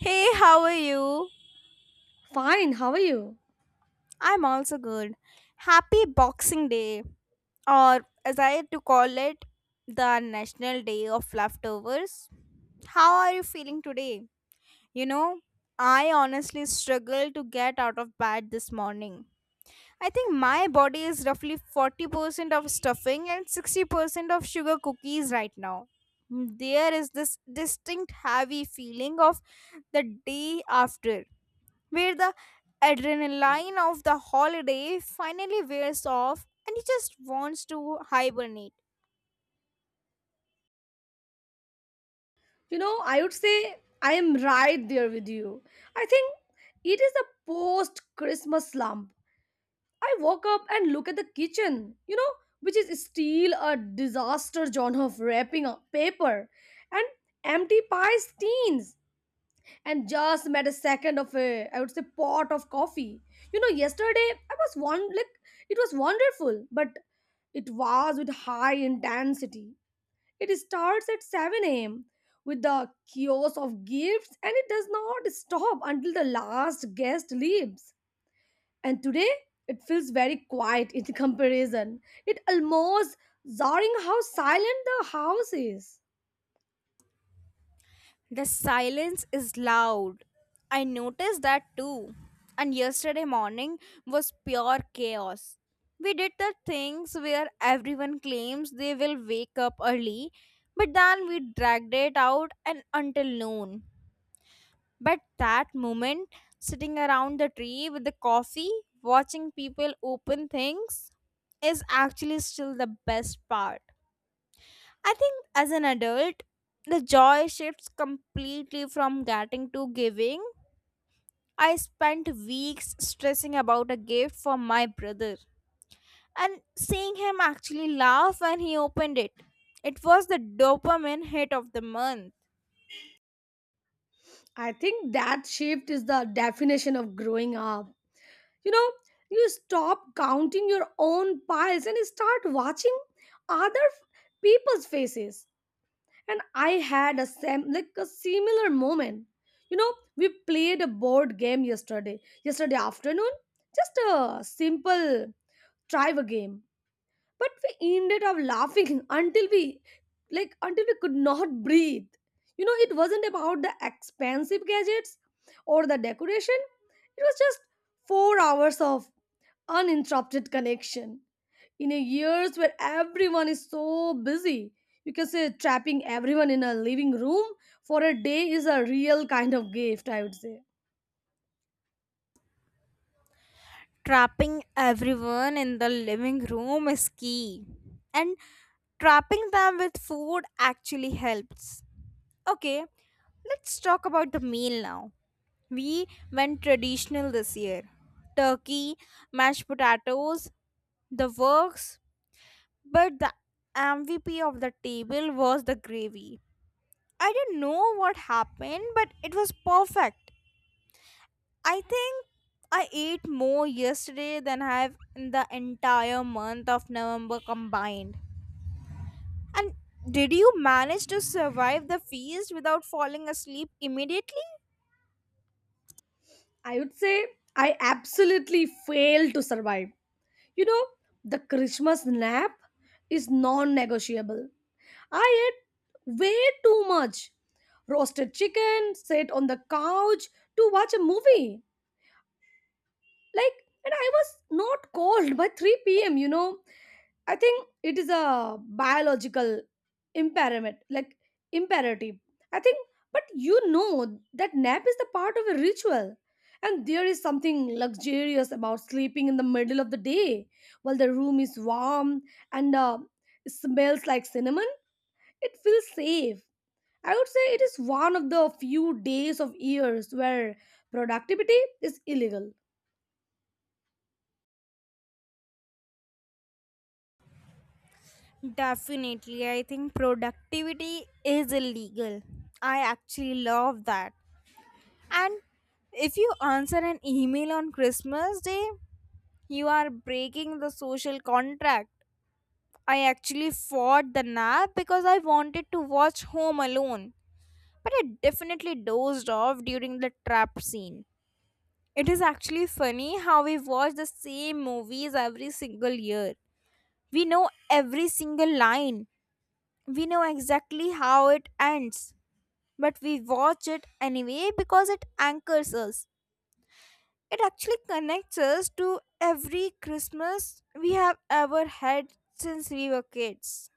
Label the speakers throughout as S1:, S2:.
S1: Hey, how are you?
S2: Fine, how are you?
S1: I'm also good. Happy Boxing Day, or as I had to call it, the National Day of Leftovers. How are you feeling today? You know, I honestly struggled to get out of bed this morning. I think my body is roughly 40% of stuffing and 60% of sugar cookies right now. There is this distinct heavy feeling of the day after where the adrenaline of the holiday finally wears off and he just wants to hibernate.
S2: You know, I would say I am right there with you. I think it is a post Christmas slump. I woke up and look at the kitchen, you know, which is still a disaster genre of wrapping up paper and empty pie steins and just made a second of a I would say pot of coffee. You know, yesterday I was one like it was wonderful, but it was with high intensity. It starts at 7 a.m. with the kiosk of gifts and it does not stop until the last guest leaves. And today, it feels very quiet in comparison. It almost jarring how silent the house is.
S1: The silence is loud. I noticed that too. And yesterday morning was pure chaos. We did the things where everyone claims they will wake up early, but then we dragged it out and until noon. But that moment, sitting around the tree with the coffee, watching people open things, is actually still the best part. I think as an adult, the joy shifts completely from getting to giving. I spent weeks stressing about a gift for my brother, and seeing him actually laugh when he opened it. It was the dopamine hit of the month.
S2: I think that shift is the definition of growing up. You know, you stop counting your own piles and start watching other f- people's faces, and I had a sam like a similar moment. You know, we played a board game yesterday, afternoon. Just a simple trivia game, but we ended up laughing until we like until we could not breathe. You know, it wasn't about the expensive gadgets or the decoration. It was just 4 hours of uninterrupted connection in a years where everyone is so busy. You can say trapping everyone in a living room for a day is a real kind of gift, I would say.
S1: Trapping everyone in the living room is key, and trapping them with food actually helps. Okay, let's talk about the meal now. We went traditional this year: turkey, mashed potatoes, the works, but the MVP of the table was the gravy. I don't know what happened, but it was perfect. I think I ate more yesterday than I have in the entire month of November combined. And did you manage to survive the feast without falling asleep immediately?
S2: I would say I absolutely failed to survive. You know, the Christmas nap is non-negotiable. I ate way too much roasted chicken, sat on the couch to watch a movie, like, and I was not cold by 3 p.m. You know, I think it is a biological impairment, like imperative, I think. But you know that nap is the part of a ritual. And there is something luxurious about sleeping in the middle of the day while the room is warm and smells like cinnamon. It feels safe. I would say it is one of the few days of years where productivity is illegal.
S1: Definitely. I think productivity is illegal. I actually love that. And if you answer an email on Christmas Day, you are breaking the social contract. I actually fought the nap because I wanted to watch Home Alone, but I definitely dozed off during the trap scene. It is actually funny how we watch the same movies every single year. We know every single line. We know exactly how it ends. But we watch it anyway because it anchors us. It actually connects us to every Christmas we have ever had since we were kids.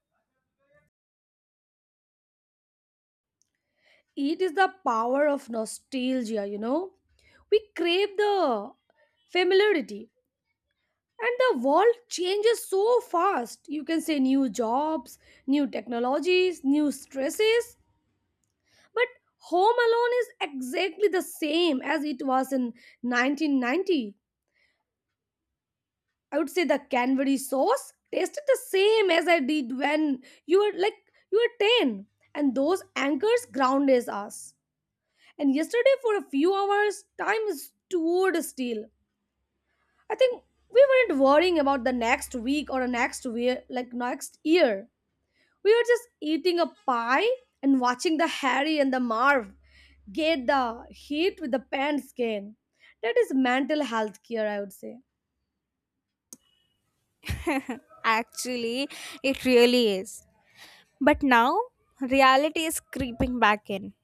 S2: It is the power of nostalgia, you know. We crave the familiarity, and the world changes so fast. You can say new jobs, new technologies, new stresses, but Home Alone is exactly the same as it was in 1990. I would say the Canberry sauce tasted the same as I did when you were 10, and those anchors grounded us. And yesterday, for a few hours, time stood still. I think we weren't worrying about the next week or the next year, like next year. We were just eating a pie and watching the Harry and the Marv get the heat with the pants skin. That is mental health care, I would say.
S1: Actually, it really is. But now, reality is creeping back in.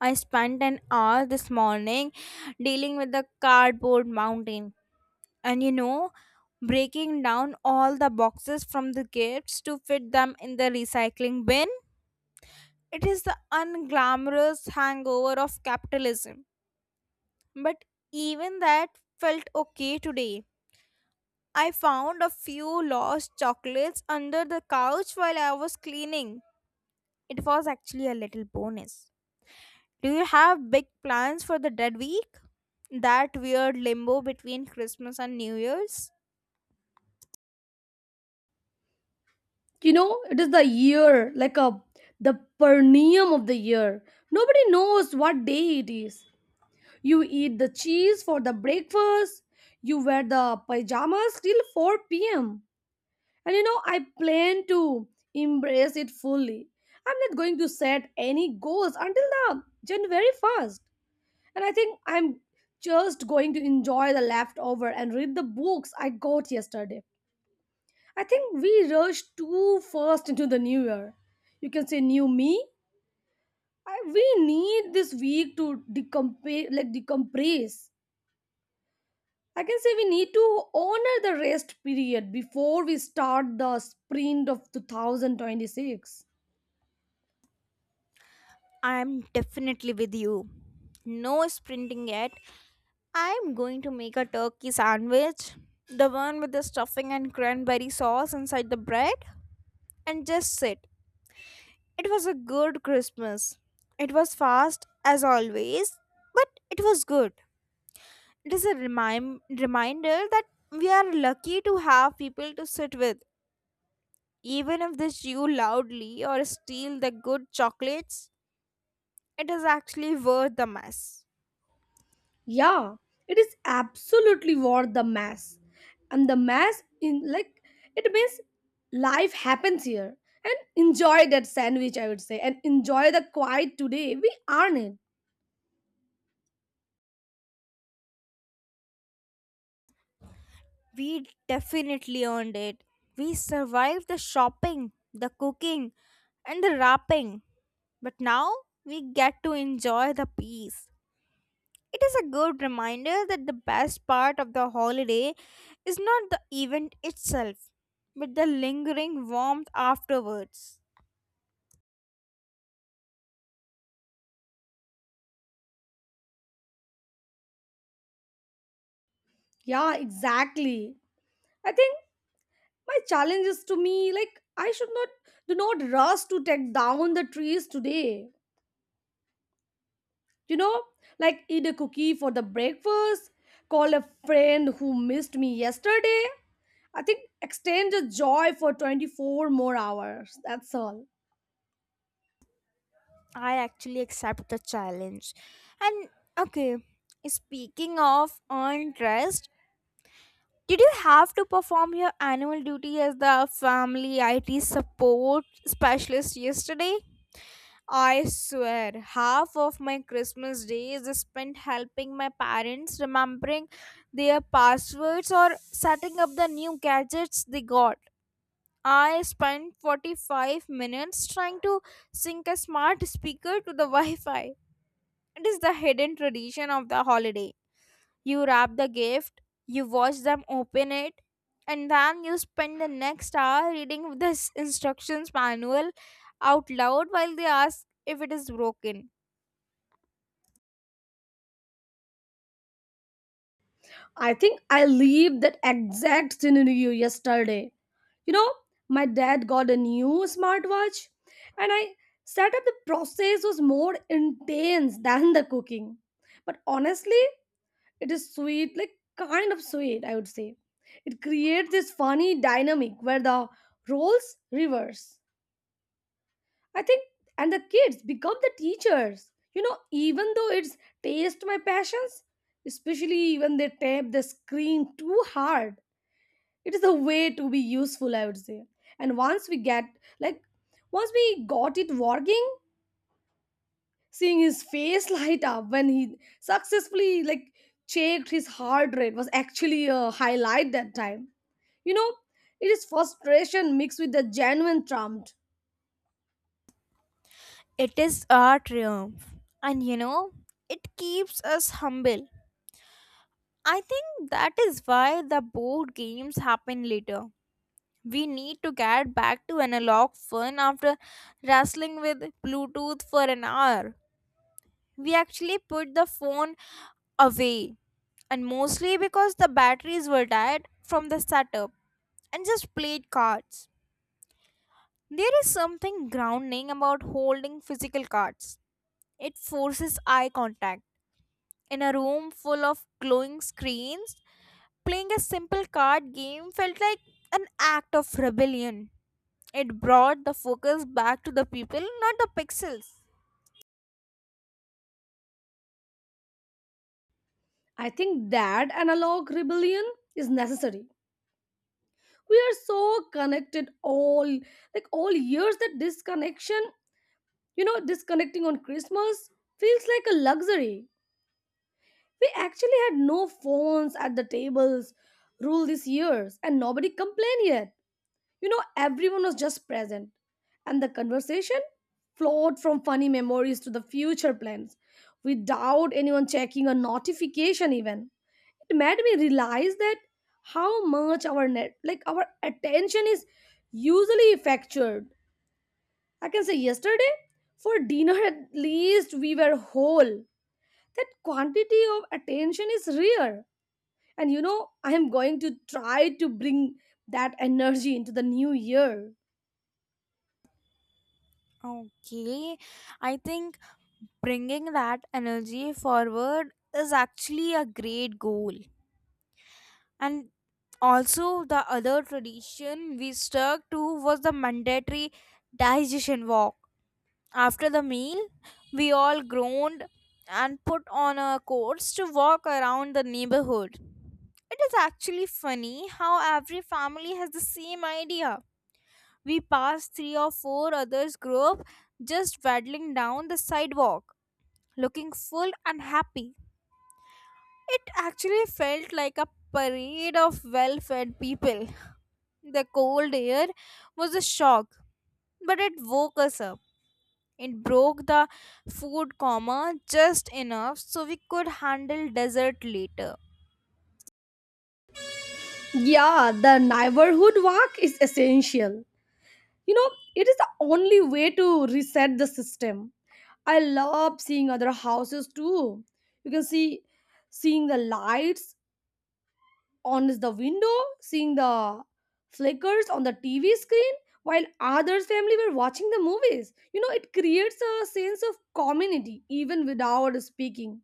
S1: I spent an hour this morning dealing with the cardboard mountain and breaking down all the boxes from the gifts to fit them in the recycling bin. It is the unglamorous hangover of capitalism. But even that felt okay today. I found a few lost chocolates under the couch while I was cleaning. It was actually a little bonus. Do you have big plans for the dead week? That weird limbo between Christmas and New Year's?
S2: You know, it is the year, like a the perineum of the year. Nobody knows what day it is. You eat the cheese for the breakfast. You wear the pajamas till 4 p.m. And you know, I plan to embrace it fully. I'm not going to set any goals until the January 1st. And I think I'm just going to enjoy the leftover and read the books I got yesterday. I think we rushed too fast into the new year. You can say new me. We need this week to decompress. I can say we need to honor the rest period before we start the sprint of 2026.
S1: I'm definitely with you. No sprinting yet. I'm going to make a turkey sandwich, the one with the stuffing and cranberry sauce inside the bread, and just sit. It was a good Christmas. It was fast, as always, but it was good. It is a reminder that we are lucky to have people to sit with. Even if they chew loudly or steal the good chocolates, it is actually worth the mess.
S2: Yeah, it is absolutely worth the mass. And the mass in like it means life happens here. And enjoy that sandwich, I would say, and enjoy the quiet today. We earn it.
S1: We definitely earned it. We survived the shopping, the cooking, and the wrapping. But now we get to enjoy the peace. It is a good reminder that the best part of the holiday is not the event itself, but the lingering warmth afterwards.
S2: Yeah, exactly. I think my challenge is to me like I should not do not rush to take down the trees today. You know, like, eat a cookie for the breakfast, call a friend who missed me yesterday. I think extend the joy for 24 more hours, that's all.
S1: I actually accept the challenge. And okay, speaking of earned rest, did you have to perform your annual duty as the family IT support specialist yesterday? I swear, half of my Christmas day is spent helping my parents remembering their passwords or setting up the new gadgets they got. I spent 45 minutes trying to sync a smart speaker to the Wi Fi. It is the hidden tradition of the holiday. You wrap the gift, you watch them open it, and then you spend the next hour reading this instructions manual out loud while they ask if it is broken.
S2: I think I lived that exact scenario yesterday. You know, my dad got a new smartwatch, and I set up the process was more intense than the cooking. But honestly, it is sweet, like kind of sweet, I would say. It creates this funny dynamic where the roles reverse, I think, and the kids become the teachers. You know, even though it's taste my passions, especially when they tap the screen too hard, it is a way to be useful, I would say. And like, once we got it working, seeing his face light up when he successfully checked his heart rate was actually a highlight that time. You know, it is frustration mixed with the genuine trump.
S1: It is our triumph, and it keeps us humble. I think that is why the board games happen later. We need to get back to analog fun after wrestling with Bluetooth for an hour. We actually put the phone away, and mostly because the batteries were died from the setup, and just played cards. There is something grounding about holding physical cards. It forces eye contact. In a room full of glowing screens, playing a simple card game felt like an act of rebellion. It brought the focus back to the people, not the pixels.
S2: I think that analog rebellion is necessary. We are so connected all years that disconnection, you know, disconnecting on Christmas feels like a luxury. We actually had no phones at the tables rule this years, and nobody complained yet. You know, everyone was just present, and the conversation flowed from funny memories to the future plans without anyone checking a notification even. It made me realize that how much our net like our attention is usually fractured. I can say yesterday for dinner at least we were whole. That quantity of attention is rare. And you know, I am going to try to bring that energy into the new year.
S1: Okay, I think bringing that energy forward is actually a great goal. And also, the other tradition we stuck to was the mandatory digestion walk. After the meal, we all groaned and put on our coats to walk around the neighborhood. It is actually funny how every family has the same idea. We passed three or four others group just waddling down the sidewalk, looking full and happy. It actually felt like a parade of well-fed people. The cold air was a shock, but it woke us up. It broke the food coma just enough so we could handle dessert later.
S2: Yeah, the neighborhood walk is essential. You know, it is the only way to reset the system. I love seeing other houses too. You can see Seeing the lights on the window, seeing the flickers on the TV screen while others family were watching the movies. You know, it creates a sense of community even without speaking.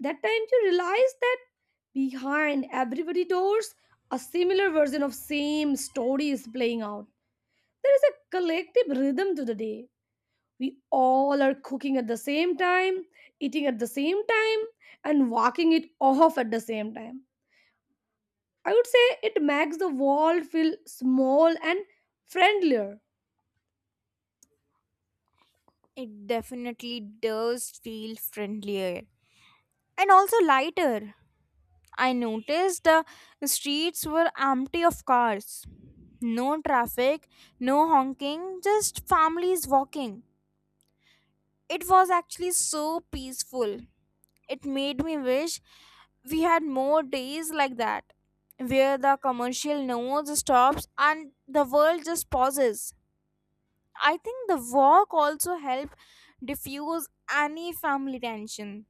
S2: That time you realize that behind everybody doors, a similar version of same story is playing out. There is a collective rhythm to the day. We all are cooking at the same time, eating at the same time, and walking it off at the same time. I would say it makes the world feel small and friendlier.
S1: It definitely does feel friendlier and also lighter. I noticed the streets were empty of cars. No traffic, no honking, just families walking. It was actually so peaceful. It made me wish we had more days like that, where the commercial noise stops and the world just pauses. I think the walk also helped diffuse any family tension.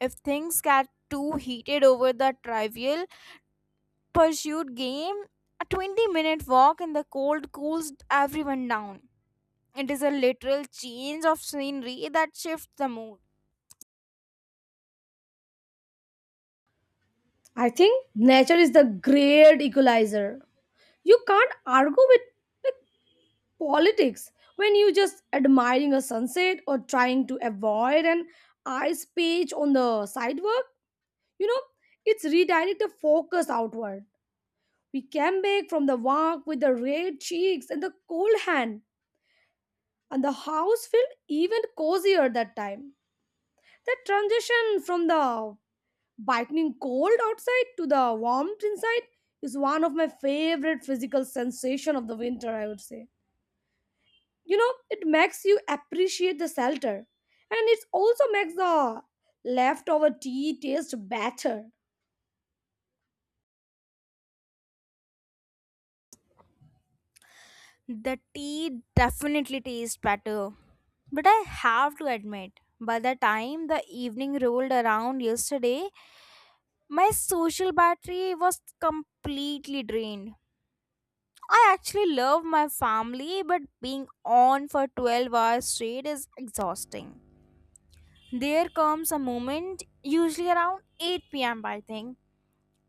S1: If things get too heated over the trivial, pursuit game, a 20-minute minute walk in the cold cools everyone down. It is a literal change of scenery that shifts the mood.
S2: I think nature is the great equalizer. You can't argue with politics when you just admiring a sunset or trying to avoid an ice page on the sidewalk. You know, it's redirect the focus outward. We came back from the walk with the red cheeks and the cold hand, and the house felt even cozier that time. That transition from the biting cold outside to the warmth inside is one of my favorite physical sensation of the winter, I would say. You know, it makes you appreciate the shelter, and it also makes the leftover tea taste better.
S1: The tea definitely tastes better. But I have to admit, by the time the evening rolled around yesterday, my social battery was completely drained. I actually love my family, but being on for 12 hours straight is exhausting. There comes a moment, usually around 8 p.m., I think,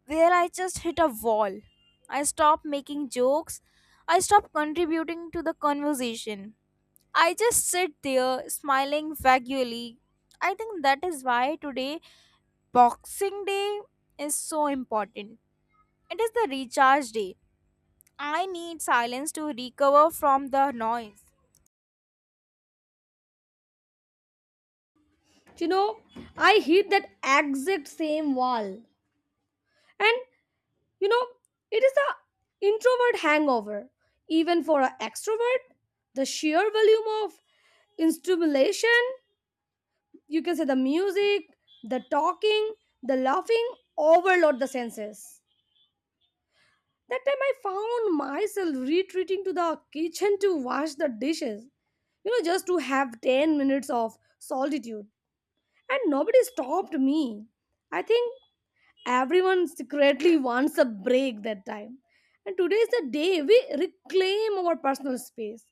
S1: where I just hit a wall. I stop making jokes, I stop contributing to the conversation. I just sit there smiling vaguely. I think that is why today, Boxing Day, is so important. It is the recharge day. I need silence to recover from the noise.
S2: You know, I hit that exact same wall. And you know, it is a introvert hangover. Even for an extrovert, the sheer volume of stimulation, you can say the music, the talking, the laughing, overload the senses. That time I found myself retreating to the kitchen to wash the dishes, you know, just to have 10 minutes of solitude. And nobody stopped me. I think everyone secretly wants a break that time. And today is the day we reclaim our personal space.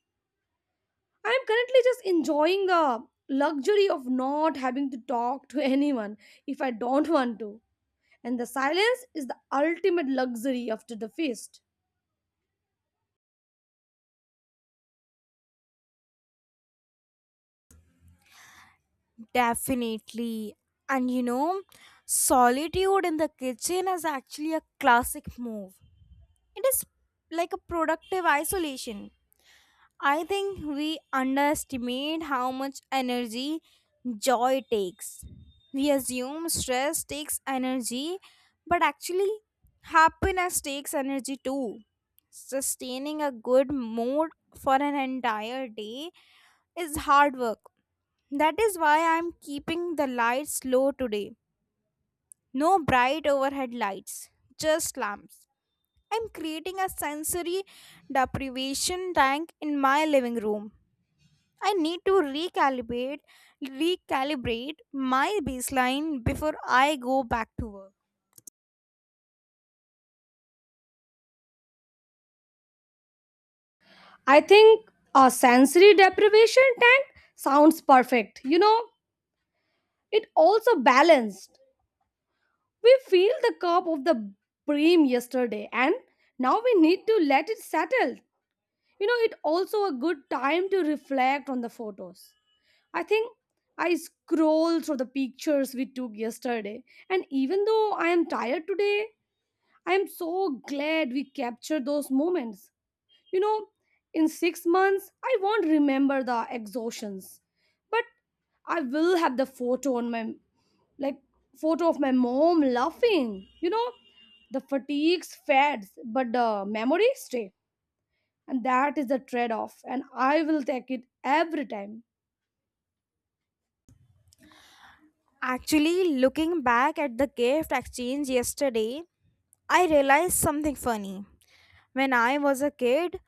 S2: I am currently just enjoying the luxury of not having to talk to anyone if I don't want to. And the silence is the ultimate luxury after the feast.
S1: Definitely. And solitude in the kitchen is actually a classic move. It is like a productive isolation. I think we underestimate how much energy joy takes. We assume stress takes energy, but actually, happiness takes energy too. Sustaining a good mood for an entire day is hard work. That is why I'm keeping the lights low today. No bright overhead lights, just lamps. I'm creating a sensory deprivation tank in my living room. I need to recalibrate my baseline before I go back to work.
S2: I think a sensory deprivation tank sounds perfect. You know, it also balanced. We feel the curve of the bream yesterday, and now we need to let it settle. You know, it also a good time to reflect on the photos. I think I scroll through the pictures we took yesterday, and even though I am tired today, I am so glad we captured those moments. You know, in 6 months, I won't remember the exhaustions, but I will have the photo on my like photo of my mom laughing. You know, the fatigues fades, but the memories stay, and that is the trade-off. And I will take it every time.
S1: Actually, looking back at the gift exchange yesterday, I realized something funny. When I was a kid,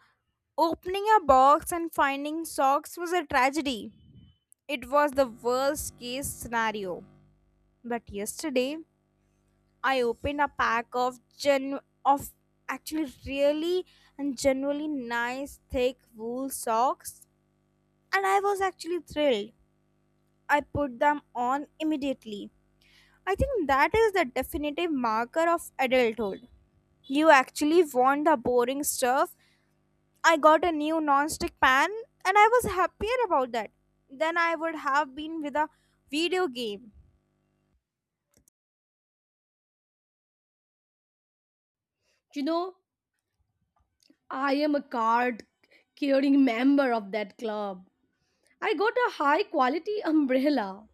S1: opening a box and finding socks was a tragedy. It was the worst case scenario. But yesterday, I opened a pack of gen of actually really and genuinely nice thick wool socks, and I was actually thrilled. I put them on immediately. I think that is the definitive marker of adulthood. You actually want the boring stuff. I got a new non-stick pan, and I was happier about that than I would have been with a video game.
S2: You know, I am a card carrying member of that club. I got a high quality umbrella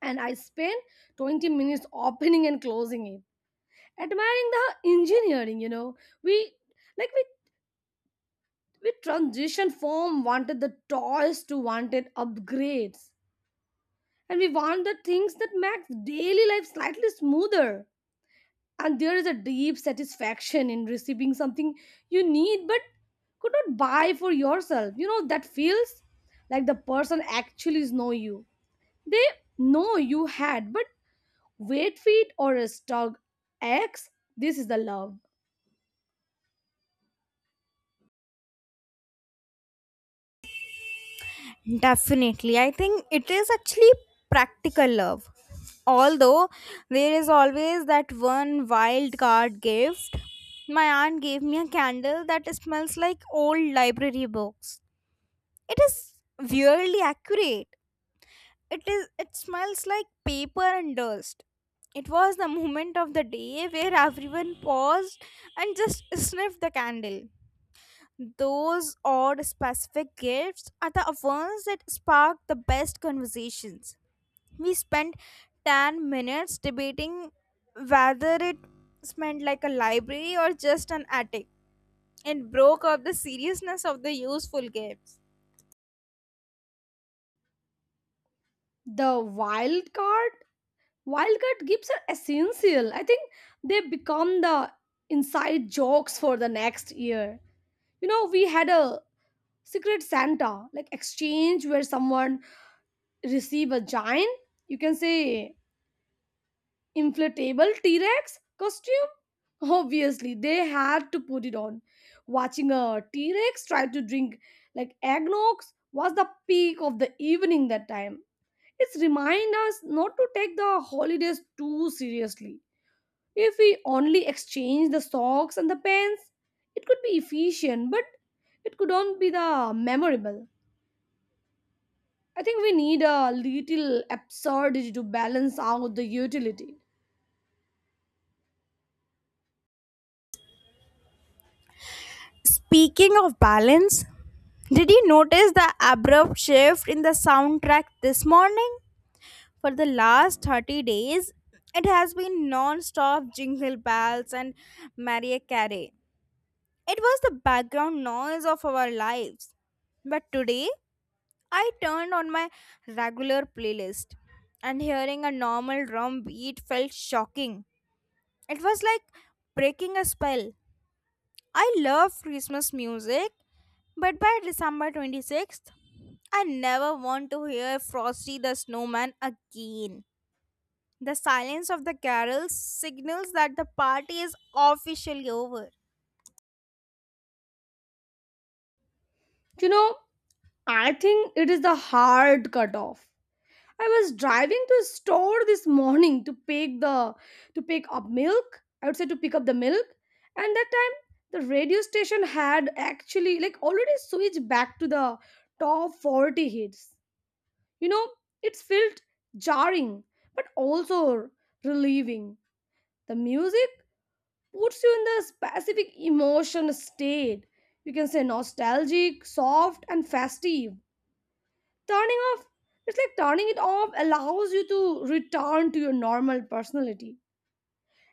S2: and I spent 20 minutes opening and closing it, admiring the engineering. You know, we like we transition from wanted the toys to wanted upgrades, and we want the things that make daily life slightly smoother. And there is a deep satisfaction in receiving something you need but could not buy for yourself. You know, that feels like the person actually know you. They know you had but wait feet or a stug x, this is the love.
S1: Definitely. I think it is actually practical love. Although there is always that one wild card gift. My aunt gave me a candle that smells like old library books. It is weirdly accurate. It is, it smells like paper and dust. It was the moment of the day where everyone paused and just sniffed the candle. Those odd specific gifts are the ones that spark the best conversations. We spent 10 minutes debating whether it smelled like a library or just an attic. It broke up the seriousness of the useful gifts.
S2: The wild card Wildcard gifts are essential. I think they become the inside jokes for the next year. You know, we had a secret Santa exchange where someone receive a giant, you can say, inflatable T Rex costume. Obviously, they had to put it on. Watching a T Rex try to drink eggnogs was the peak of the evening that time. It's remind us not to take the holidays too seriously. If we only exchange the socks and the pens, it could be efficient, but it could not be the memorable. I think we need a little absurdity to balance out the utility.
S1: Speaking of balance, did you notice the abrupt shift in the soundtrack this morning? For the last 30 days, it has been non stop jingle bells and Maria Carey. It was the background noise of our lives. But today, I turned on my regular playlist and hearing a normal drum beat felt shocking. It was like breaking a spell. I love Christmas music, but by December 26th, I never want to hear Frosty the Snowman again. The silence of the carols signals that the party is officially over.
S2: You know, I think it is the hard cutoff. I was driving to store this morning to pick the to pick up milk, I would say, to pick up the milk. And that time the radio station had actually like already switched back to the top 40 hits. You know, it's felt jarring but also relieving. The music puts you in the specific emotion state. You can say nostalgic, soft, and festive. Turning off, it's like turning it off allows you to return to your normal personality.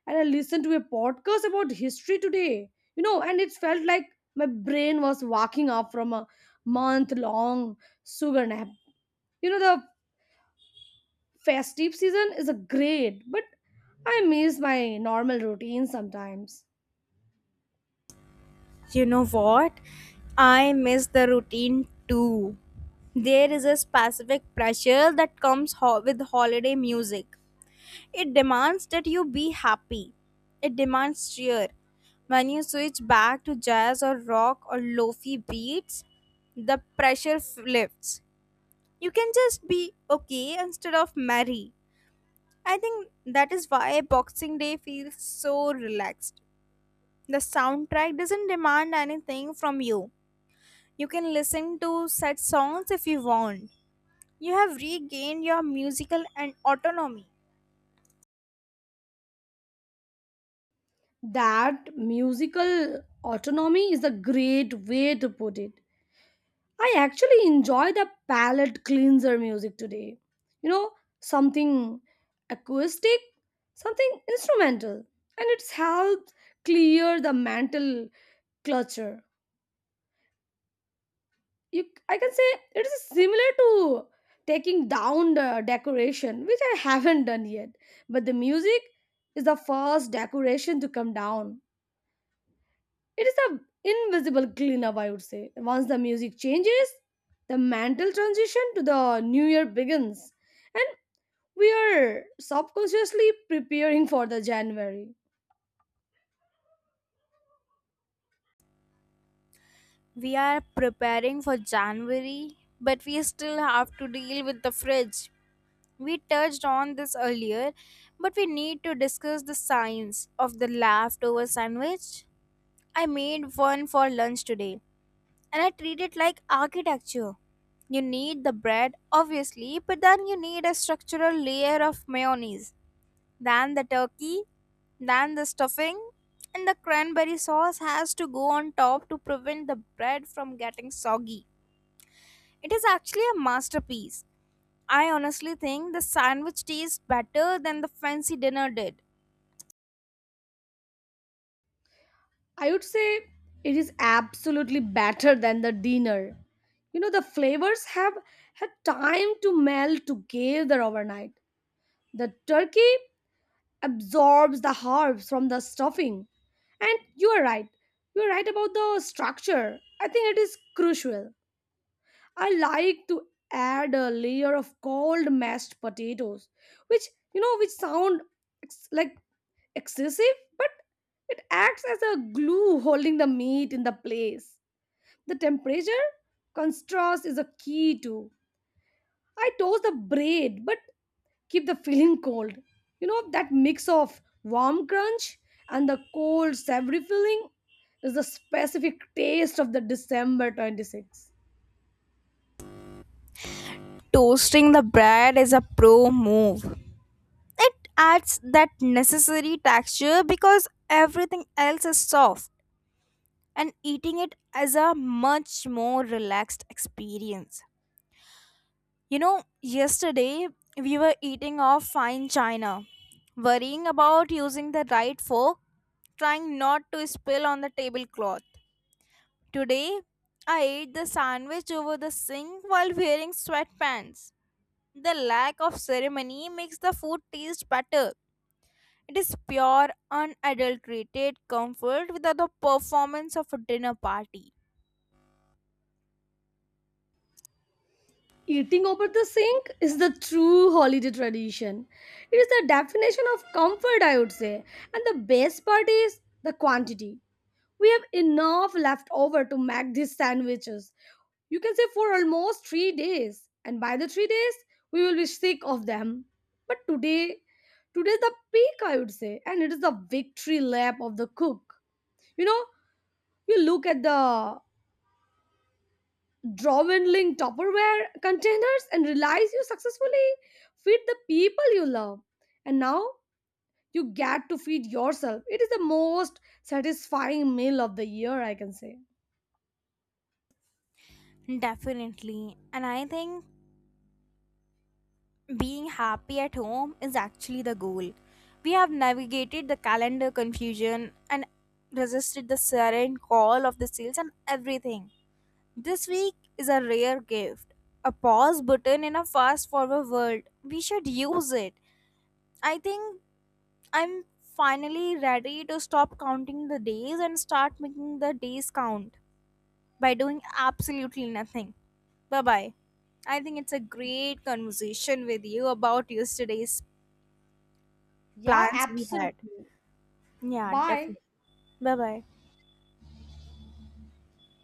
S2: And I listened to a podcast about history today, you know, and it felt like my brain was waking up from a month long sugar nap. You know, the Festive season is a great, but I miss my normal routine sometimes.
S1: You know what? I miss the routine too. There is a specific pressure that comes with holiday music. It demands that you be happy. It demands cheer. When you switch back to jazz or rock or lofi beats, the pressure lifts. You can just be okay instead of merry. I think that is why Boxing Day feels so relaxed. The soundtrack doesn't demand anything from you. You can listen to such songs if you want. You have regained your musical and autonomy.
S2: That musical autonomy is a great way to put it. I actually enjoy the palette cleanser music today. You know, something acoustic, something instrumental, and it's helped clear the mental clutter. You I can say it is similar to taking down the decoration, which I haven't done yet. But the music is the first decoration to come down. It is a invisible cleanup, I would say. Once the music changes, the mental transition to the new year begins, and we are subconsciously preparing for the January.
S1: We are preparing for January, but we still have to deal with the fridge. We touched on this earlier, but we need to discuss the science of the leftover sandwich. I made one for lunch today, and I treat it like architecture. You need the bread, obviously, but then you need a structural layer of mayonnaise. Then the turkey, then the stuffing, and the cranberry sauce has to go on top to prevent the bread from getting soggy. It is actually a masterpiece. I honestly think the sandwich tastes better than the fancy dinner did.
S2: I would say it is absolutely better than the dinner. You know, the flavors have had time to melt together overnight. The turkey absorbs the herbs from the stuffing. And you are right. You are right about the structure. I think it is crucial. I like to add a layer of cold mashed potatoes, which, you know, which sound ex- like excessive, but it acts as a glue holding the meat in the place. The temperature contrast is a key too. I toast the bread but keep the filling cold. You know that mix of warm crunch and the cold savory filling is the specific taste of the December 26th.
S1: Toasting the bread is a pro move. It adds that necessary texture because everything else is soft, and eating it is a much more relaxed experience. You know, yesterday we were eating off fine china, worrying about using the right fork, trying not to spill on the tablecloth. Today, I ate the sandwich over the sink while wearing sweatpants. The lack of ceremony makes the food taste better. It is pure, unadulterated comfort without the performance of a dinner party.
S2: Eating over the sink is the true holiday tradition. It is the definition of comfort, I would say. And the best part is the quantity. We have enough left over to make these sandwiches. You can say for almost 3 days, and by the 3 days, we will be sick of them. But today, today is the peak, I would say, and it is the victory lap of the cook. You know, you look at the drawing Tupperware containers and realize you successfully feed the people you love. And now you get to feed yourself. It is the most satisfying meal of the year, I can say.
S1: Definitely. And I think being happy at home is actually the goal. We have navigated the calendar confusion and resisted the siren call of the sales and everything. This week is a rare gift, a pause button in a fast forward world. We should use it. I think I'm finally ready to stop counting the days and start making the days count by doing absolutely nothing. Bye bye. I think it's a great conversation with you about yesterday's
S2: Yeah,
S1: plans we had.
S2: absolutely.
S1: Yeah,
S2: Bye.
S1: definitely. Bye bye.